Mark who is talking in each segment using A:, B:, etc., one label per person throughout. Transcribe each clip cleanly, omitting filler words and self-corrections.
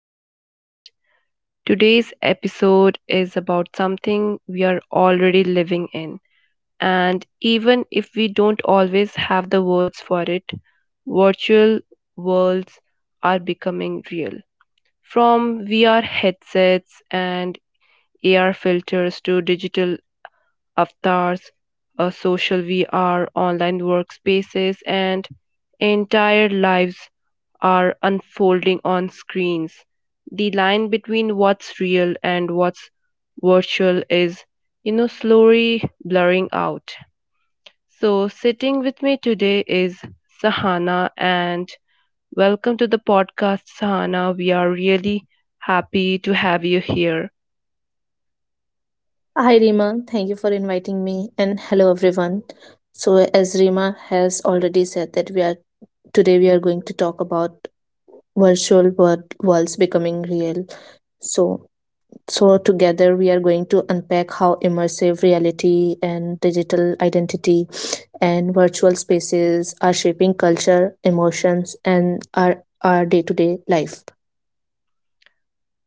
A: the podcast. Today's episode is about something we are already living in, and even if we don't always have the words for it, virtual worlds are becoming real. From VR headsets and AR filters to digital avatars, social VR, online workspaces, and entire lives are unfolding on screens. The line between what's real and what's virtual is, slowly blurring out. So, sitting with me today is Sahana, and welcome to the podcast, Sahana. We are really happy to have you here.
B: Hi Rima, thank you for inviting me and hello everyone. So as Rima has already said that we are today we are going to talk about virtual worlds becoming real. So so together we are going to unpack how immersive reality and digital identity and virtual spaces are shaping culture, emotions and our day-to-day life.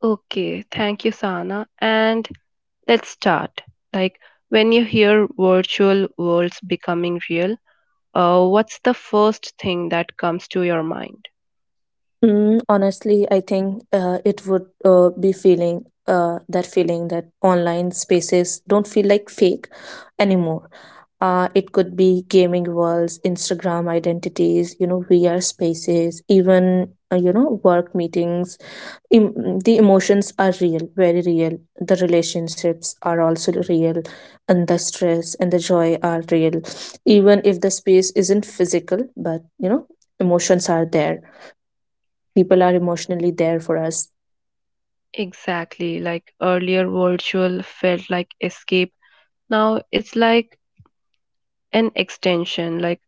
A: Okay, thank you, Sahana. And let's start. Like, when you hear virtual worlds becoming real, what's the first thing that comes to your mind?
B: Honestly, I think it would be feeling, that feeling that online spaces don't feel like fake anymore. It could be gaming worlds, Instagram identities, you know, VR spaces, even you know, work meetings. The emotions are real, very real. The relationships are also real, and the stress and the joy are real, even if the space isn't physical. But you know, emotions are there, people are emotionally there for us.
A: Exactly, like earlier virtual felt like escape. Now it's like an extension, like.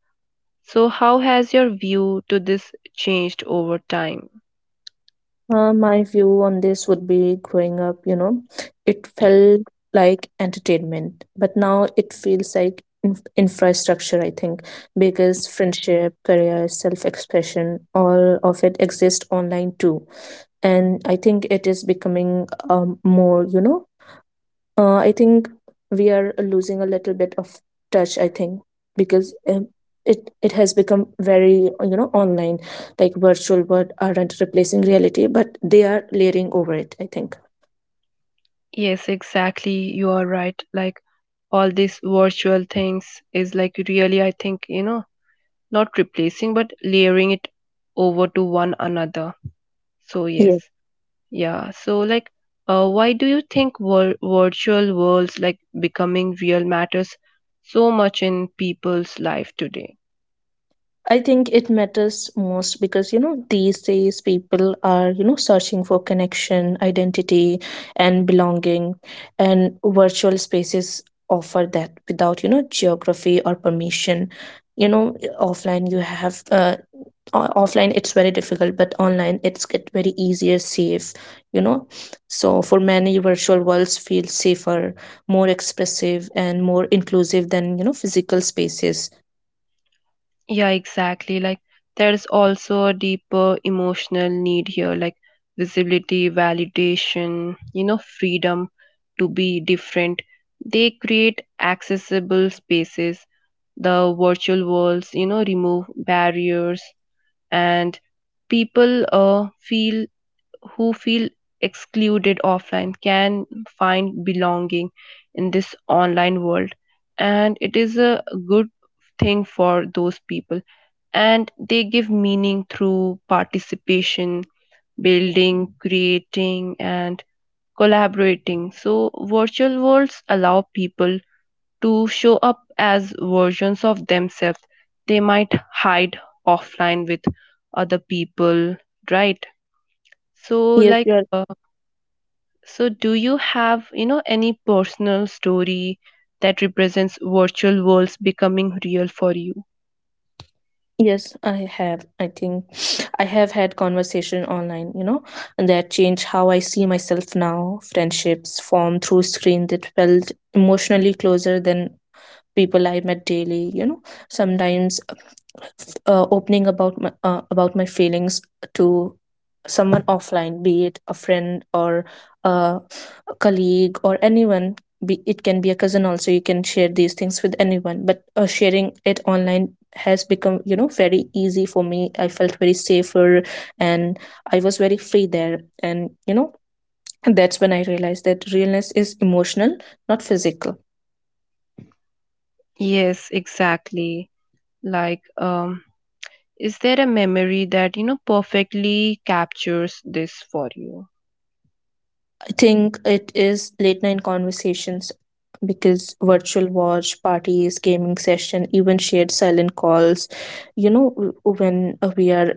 A: So, how has your view to this changed over time?
B: My view on this would be, growing up, you know, it felt like entertainment, but now it feels like infrastructure, I think, because friendship, career, self expression, all of it exists online too. And I think it is becoming, more, you know, I think we are losing a little bit of touch. I think because, it has become very, you know, online, like virtual world aren't replacing reality, but they are layering over it, I think.
A: Yes, exactly. You are right. Like all these virtual things is like really, I think, not replacing but layering it over to one another. So, yes,
B: Yes.
A: yeah. Why do you think virtual worlds like becoming real matters so much in people's life today?
B: I think it matters most because, you know, these days people are, you know, searching for connection, identity, and belonging, and virtual spaces offer that without, you know, geography or permission. You know, offline you have, offline it's very difficult, but online it's get very easier, safe, you know. So for many, virtual worlds feel safer, more expressive and more inclusive than, you know, physical spaces.
A: Yeah, exactly. Like there's also a deeper emotional need here, like visibility, validation, freedom to be different. They create accessible spaces. The virtual worlds, remove barriers, and people feel who feel excluded offline can find belonging in this online world, and it is a good thing for those people. And they give meaning through participation, building, creating, and collaborating. So virtual worlds allow people to show up as versions of themselves they might hide offline with other people, right? so
B: yes you
A: like
B: are-
A: uh, so, do you have, any personal story that represents virtual worlds becoming real for you?
B: Yes, I have. I think I have had conversation online, you know, and that changed how I see myself now. Friendships formed through screen that felt emotionally closer than people I met daily. You know, sometimes, opening about my feelings to someone offline, be it a friend or, uh, a colleague or anyone. It can be a cousin also. You can share these things with anyone, but, sharing it online has become, you know, very easy for me. I felt very safer, and I was very free there. And you know, that's when I realized that realness is emotional, not physical.
A: Yes, exactly. Like, um, is there a memory that, perfectly captures this for you?
B: I think it is late night conversations, because virtual watch parties, gaming session, even shared silent calls. You know, when we are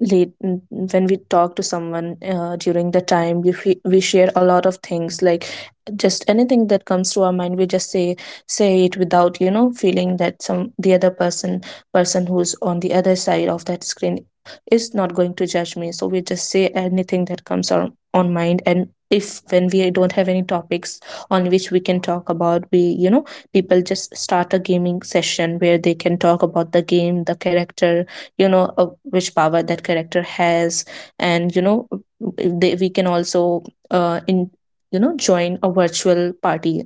B: late n- n- when we talk to someone, during the time we share a lot of things, like just anything that comes to our mind we just say it without, you know, feeling that some the other person who's on the other side of that screen is not going to judge me. So we just say anything that comes on mind, and if when we don't have any topics on which we can talk about, we, you know, people just start a gaming session where they can talk about the game, the character, you know, which power that character has. And you know, we can also, in you know, join a virtual party,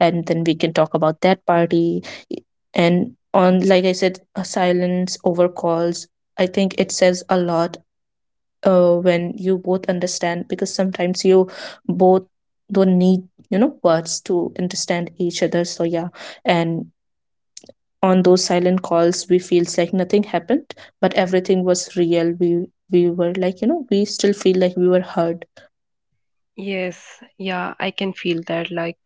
B: and then we can talk about that party. And on, like I said, a silence over calls, I think it says a lot. When you both understand, because sometimes you both don't need, you know, words to understand each other, so yeah. And on those silent calls we feels like nothing happened but everything was real. We were like, you know, we still feel like we were heard.
A: Yes, yeah, I can feel that. Like,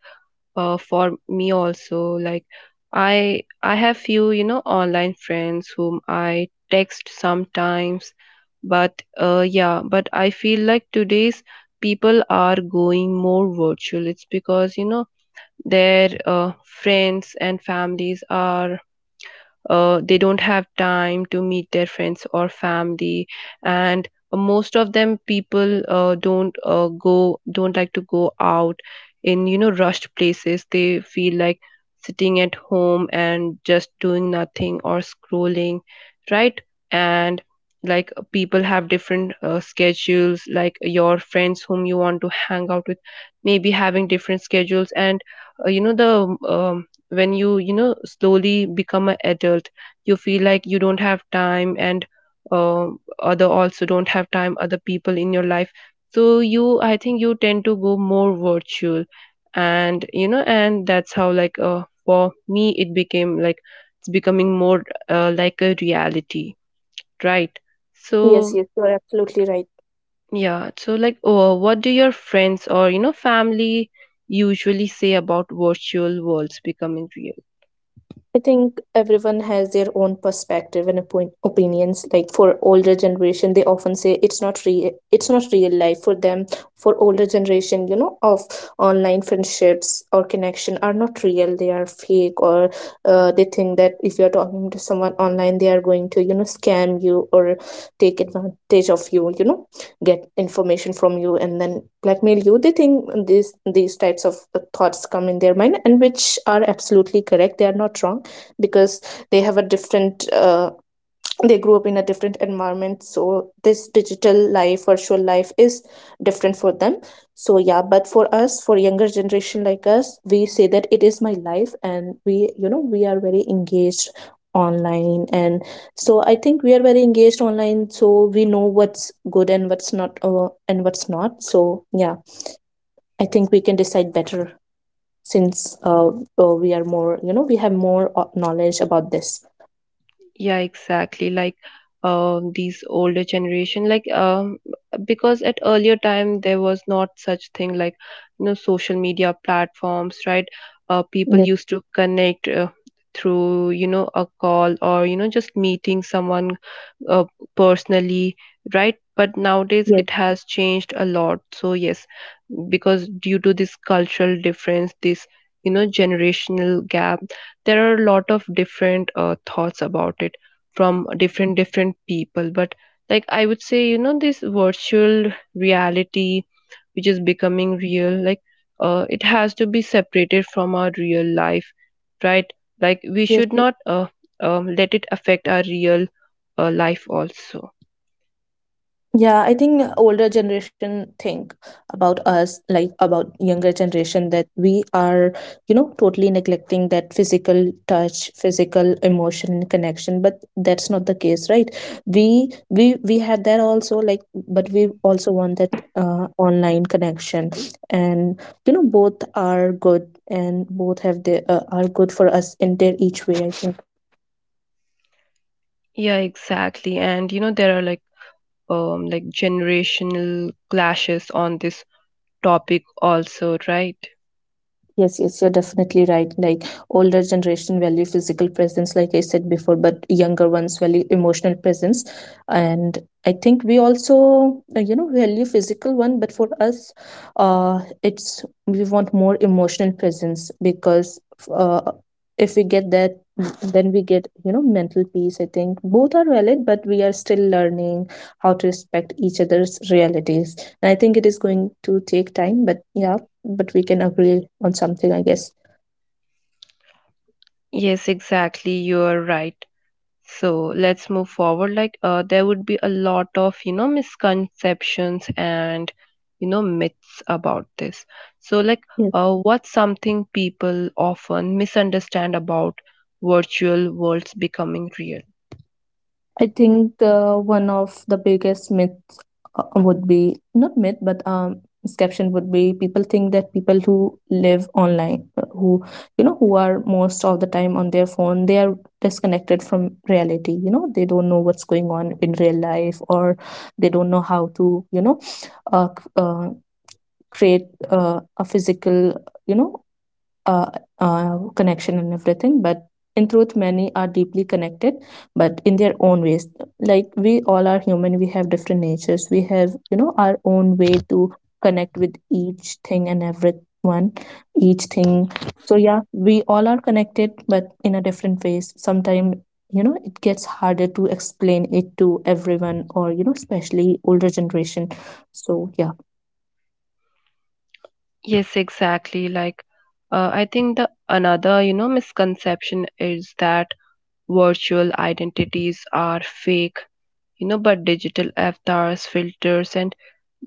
A: uh, For me also, like I have few, online friends whom I text sometimes. But yeah, but I feel like today's people are going more virtual. It's because, you know, their friends and families are, they don't have time to meet their friends or family. And most of them, people don't like to go out in, you know, rushed places. They feel like sitting at home and just doing nothing or scrolling, right? And people have different schedules. Like your friends whom you want to hang out with maybe having different schedules, and you know the when you know, slowly become an adult, you feel like you don't have time, and uh, other also don't have time, other people in your life. So you, I think, you tend to go more virtual. And you know, and that's how, for me it became like it's becoming more, like a reality, right?
B: Yes,
A: So
B: yes, you're absolutely right.
A: yeah. So, what do your friends, or, you know, family usually say about virtual worlds becoming real?
B: I think everyone has their own perspective and opinions. Like for older generation, they often say it's not real. It's not real life for them. For older generation, you know, of online friendships or connection are not real. They are fake, or, they think that if you are talking to someone online, they are going to, you know, scam you or take advantage of you. You know, get information from you and then blackmail you. They think these types of, thoughts come in their mind, and which are absolutely correct. They are not wrong, because they have a different, they grew up in a different environment, so this digital life, virtual life is different for them. So yeah, but for us, for younger generation like us, we say that it is my life, and we, you know, we are very engaged online. And so I think we are very engaged online, so we know what's good and what's not, so yeah, I think we can decide better, since, we are more, you know, we have more, knowledge about this.
A: Yeah, exactly. These older generation, because at earlier time there was not such thing like, you know, social media platforms, right? People
B: Yes,
A: used to connect, through, you know, a call, or, you know, just meeting someone uh, personally, right? But nowadays
B: yes,
A: it has changed a lot. So yes, because due to this cultural difference, this, you know, generational gap, there are a lot of different thoughts about it from different different people. But like, I would say, you know, this virtual reality which is becoming real, like, it has to be separated from our real life, right? Like we
B: yes.
A: should not, let it affect our real life also.
B: Yeah, I think older generation think about us, like about younger generation, that we are, you know, totally neglecting that physical touch, physical emotion connection, but that's not the case, right? We had that also, like, but we also want that, online connection. And you know, both are good, and both have the, are good for us in their each way, I think.
A: Yeah, exactly. And you know, there are like, like generational clashes on this topic also, right?
B: Yes, yes, you're definitely right. Like older generation value physical presence, like I said before, but younger ones value emotional presence. And I think we also, you know, value physical one, but for us, it's we want more emotional presence, because, uh, if we get that, then we get, you know, mental peace. I think both are valid, but we are still learning how to respect each other's realities. And I think it is going to take time, but yeah, but we can agree on something, I guess.
A: Yes, exactly, you are right. So let's move forward. There would be a lot of, you know, misconceptions and, you know, myths about this. so like
B: Yeah.
A: uh, what's something people often misunderstand about virtual worlds becoming real?
B: I think, one of the biggest myths, would be, not myth, but, misconception would be, people think that people who live online, who, you know, who are most of the time on their phone, they are disconnected from reality. You know, they don't know what's going on in real life, or they don't know how to, you know, uh, c- uh, create, a physical, you know, uh, connection and everything. But in truth many are deeply connected, but in their own ways. Like we all are human, we have different natures, we have, you know, our own way to connect with each thing and everyone each thing. So yeah, we all are connected but in a different ways. Sometimes, you know, it gets harder to explain it to everyone, or you know, especially older generation, so yeah.
A: Yes, exactly. I think the another, you know, misconception is that virtual identities are fake, you know, but digital avatars, filters, and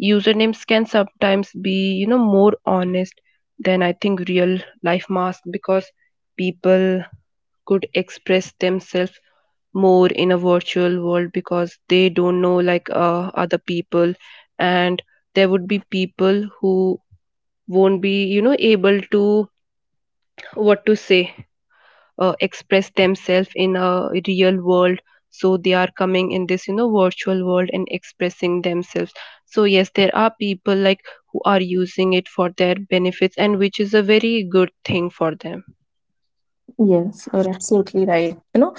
A: usernames can sometimes be, you know, more honest than, I think, real life masks, because people could express themselves more in a virtual world because they don't know, like, other people. And there would be people who won't be, you know, able to what to say express themselves in a real world. So they are coming in this, you know, virtual world and expressing themselves. So yes, there are people like who are using it for their benefits, and which is a very good thing for them.
B: Yes, you're absolutely right, you know,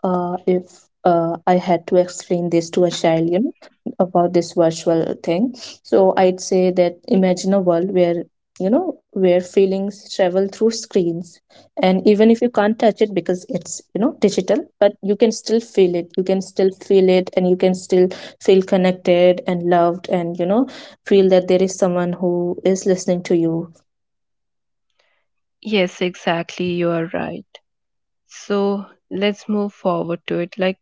B: if, I had to explain this to a child, you know, about this virtual thing. So I'd say that imagine a world where, you know, where feelings travel through screens. And even if you can't touch it because it's, you know, digital, but you can still feel it. You can still feel it, and you can still feel connected and loved and, you know, feel that there is someone who is listening to you.
A: Yes, exactly, you are right. So let's move forward to it.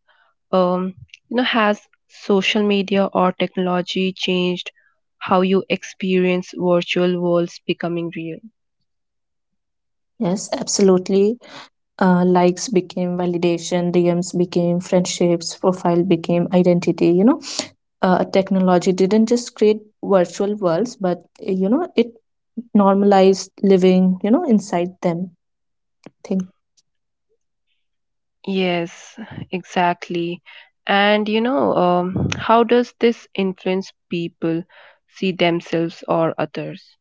A: um you know, has social media or technology changed how you experience virtual worlds becoming real?
B: Yes, absolutely. Likes became validation, dms became friendships, profile became identity, you know. Technology didn't just create virtual worlds, but, you know, it normalized living, you know, inside them thing.
A: Yes, exactly. And you know, how does this influence people see themselves or others?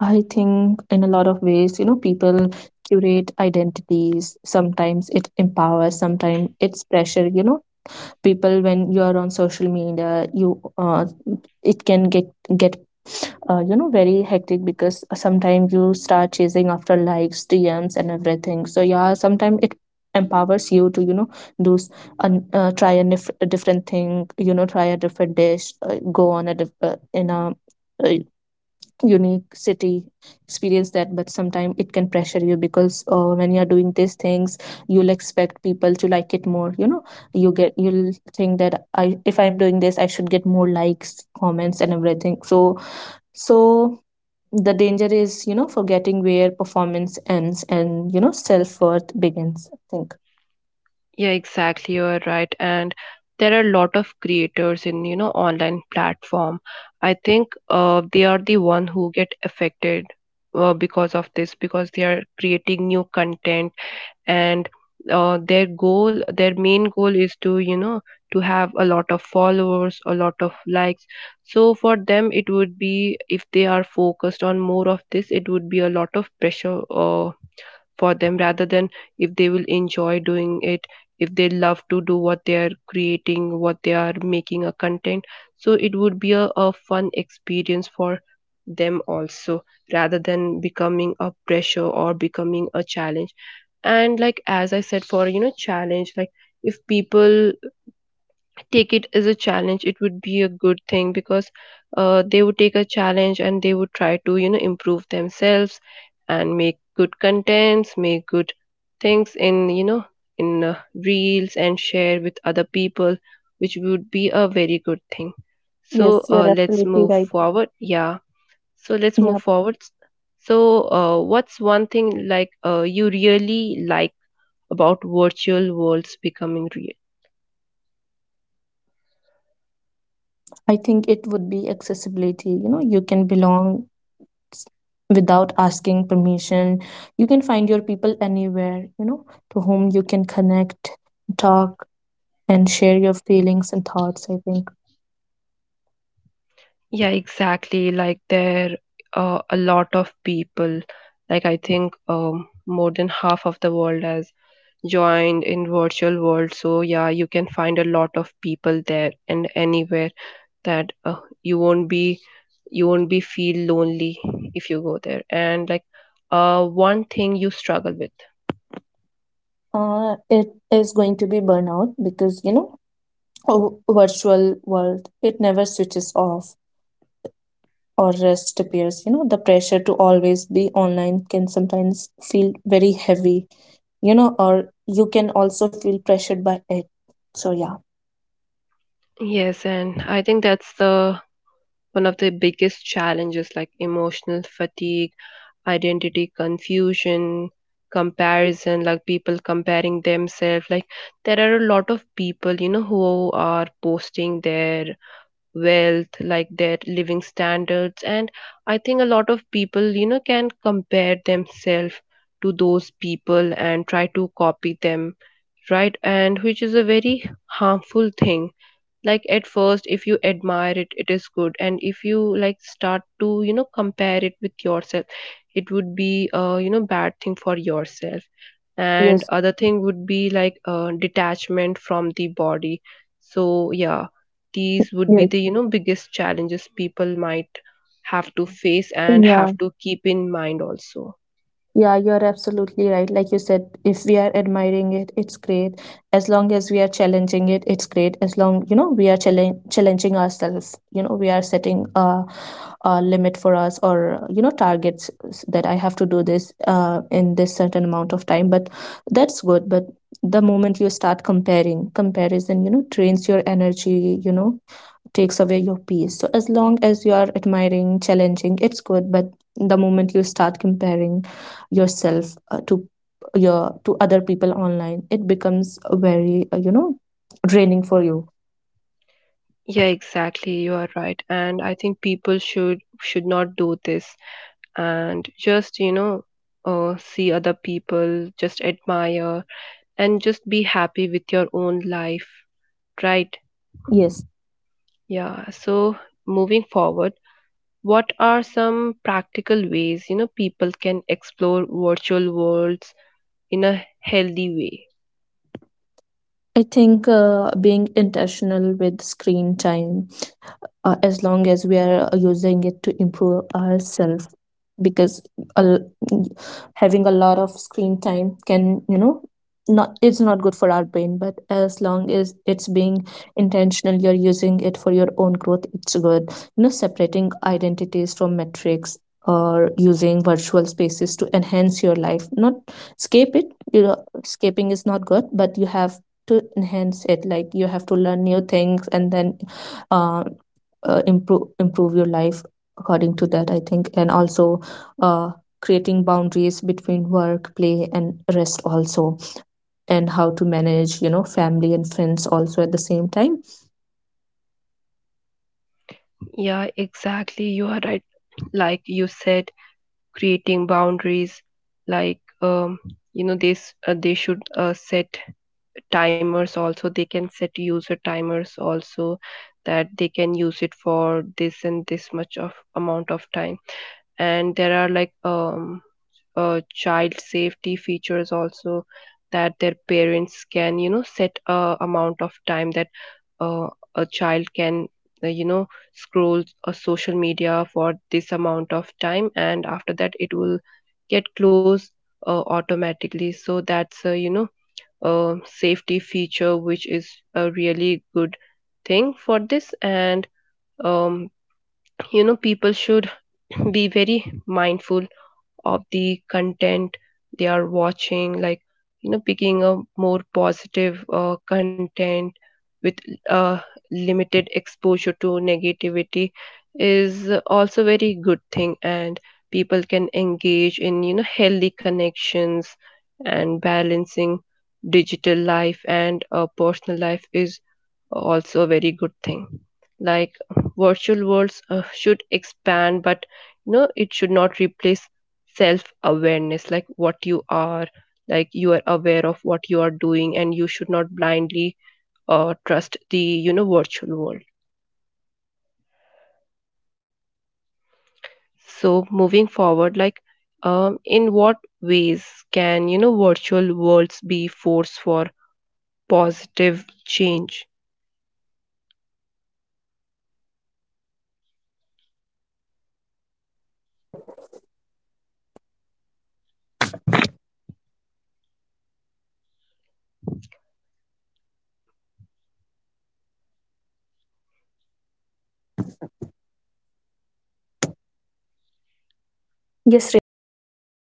B: I think in a lot of ways, you know, people curate identities. Sometimes it empowers, sometimes it's pressure. You know, people, when you are on social media, you, it can get, you know, very hectic, because sometimes you start chasing after likes, dms and everything. So yeah, sometimes it empowers you to, you know, do s- try, a different thing, you know, try a different dish, go on a diff- in a, uh, unique city, experience that. But sometimes it can pressure you, because, when you're doing these things you'll expect people to like it more, you know, you'll think that, I, if I'm doing this I should get more likes, comments and everything. So the danger is, you know, forgetting where performance ends and, you know, self-worth begins, I think.
A: Yeah, exactly, you're right. And there are a lot of creators in, you know, online platform. I think they are the one who get affected because of this, because they are creating new content. And their main goal is to, you know, to have a lot of followers, a lot of likes. So for them, it would be, if they are focused on more of this, it would be a lot of pressure, for them, rather than if they will enjoy doing it. If they love to do what they are creating, what they are making, a content, so it would be a fun experience for them also, rather than becoming a pressure or becoming a challenge. And like, as I said, for, you know, challenge, like, if people take it as a challenge, it would be a good thing because, they would take a challenge and they would try to, you know, improve themselves and make good contents, make good things in, you know, in reels and share with other people, which would be a very good thing.
B: Yes,
A: so
B: you're
A: uh, let's
B: absolutely
A: move
B: right.
A: forward, yeah. So let's
B: Yeah.
A: move forward. So, what's one thing, you really like about virtual worlds becoming real?
B: I think it would be accessibility. You know, you can belong without asking permission. You can find your people anywhere, you know, to whom you can connect, talk, and share your feelings and thoughts, I think.
A: Yeah, exactly. Like there are a lot of people. Like I think, more than half of the world has joined in virtual world. So yeah, you can find a lot of people there and anywhere, that you won't be you won't be feel lonely if you go there. And like, one thing you struggle with.
B: It is going to be burnout, because, you know, a virtual world, it never switches off or rest appears. You know, the pressure to always be online can sometimes feel very heavy, you know, or you can also feel pressured by it. So, yeah.
A: Yes, and I think that's the one of the biggest challenges, like emotional fatigue, identity confusion, comparison, like people comparing themselves. Like there are a lot of people, you know, who are posting their wealth, like their living standards. And I think a lot of people, you know, can compare themselves to those people and try to copy them, right? And which is a very harmful thing. Like at first, if you admire it, it is good. And if you like start to, you know, compare it with yourself, it would be a, you know, bad thing for yourself. And
B: Yes.
A: other thing would be, like, detachment from the body. So yeah, these would be
B: Yes.
A: the, you know, biggest challenges people might have to face and
B: Yeah.
A: have to keep in mind also.
B: Yeah, you're absolutely right. Like you said, if we are admiring it, it's great. As long as we are challenging it, it's great. As long, you know, we are challenging ourselves, you know, we are setting a limit for us, or, you know, targets, that I have to do this, in this certain amount of time. But that's good. But the moment you start comparison, you know, drains your energy, you know, takes away your peace. So as long as you are admiring, challenging, it's good. But the moment you start comparing yourself, to your to other people online, it becomes very, you know, draining for you.
A: Yeah exactly, you are right. And I think people should not do this and just, you know, see other people, just admire, and just be happy with your own life, right?
B: Yes,
A: Yeah. So, moving forward, what are some practical ways, you know, people can explore virtual worlds in a healthy way?
B: I think, being intentional with screen time, as long as we are, using it to improve ourselves, because a having a lot of screen time can, you know, not, it's not good for our brain, but as long as it's being intentional, you're using it for your own growth, it's good. You know, separating identities from metrics, or using virtual spaces to enhance your life, not escape it. You know, escaping is not good, but you have to enhance it, like you have to learn new things, and then, uh, improve your life according to that, I think. And also, uh, creating boundaries between work, play and rest also, and how to manage, you know, family and friends also at the same time.
A: Yeah, exactly, you are right. Like you said, creating boundaries, like um, you know, they should set timers also. They can set user timers also, that they can use it for this and this much of amount of time. And there are like, child safety features also, that their parents can, you know, set a amount of time that uh, a child can, you know, scroll a social media for this amount of time, and after that it will get closed automatically. So that's, you know, a safety feature which is a really good thing for this. And um, you know, people should be very mindful of the content they are watching. Like, you know, picking a more positive content with uh, limited exposure to negativity is also very good thing. And people can engage in, you know, healthy connections. And balancing digital life and, personal life is also a very good thing. Like virtual worlds, should expand, but, you know, it should not replace self awareness. Like what you are, like you are aware of what you are doing, and you should not blindly, trust the, you know, virtual world.
B: Yes, you're absolutely right.
A: So, moving forward, in what ways can, you know, virtual worlds be force for positive change
B: Yes, Rima, you were asking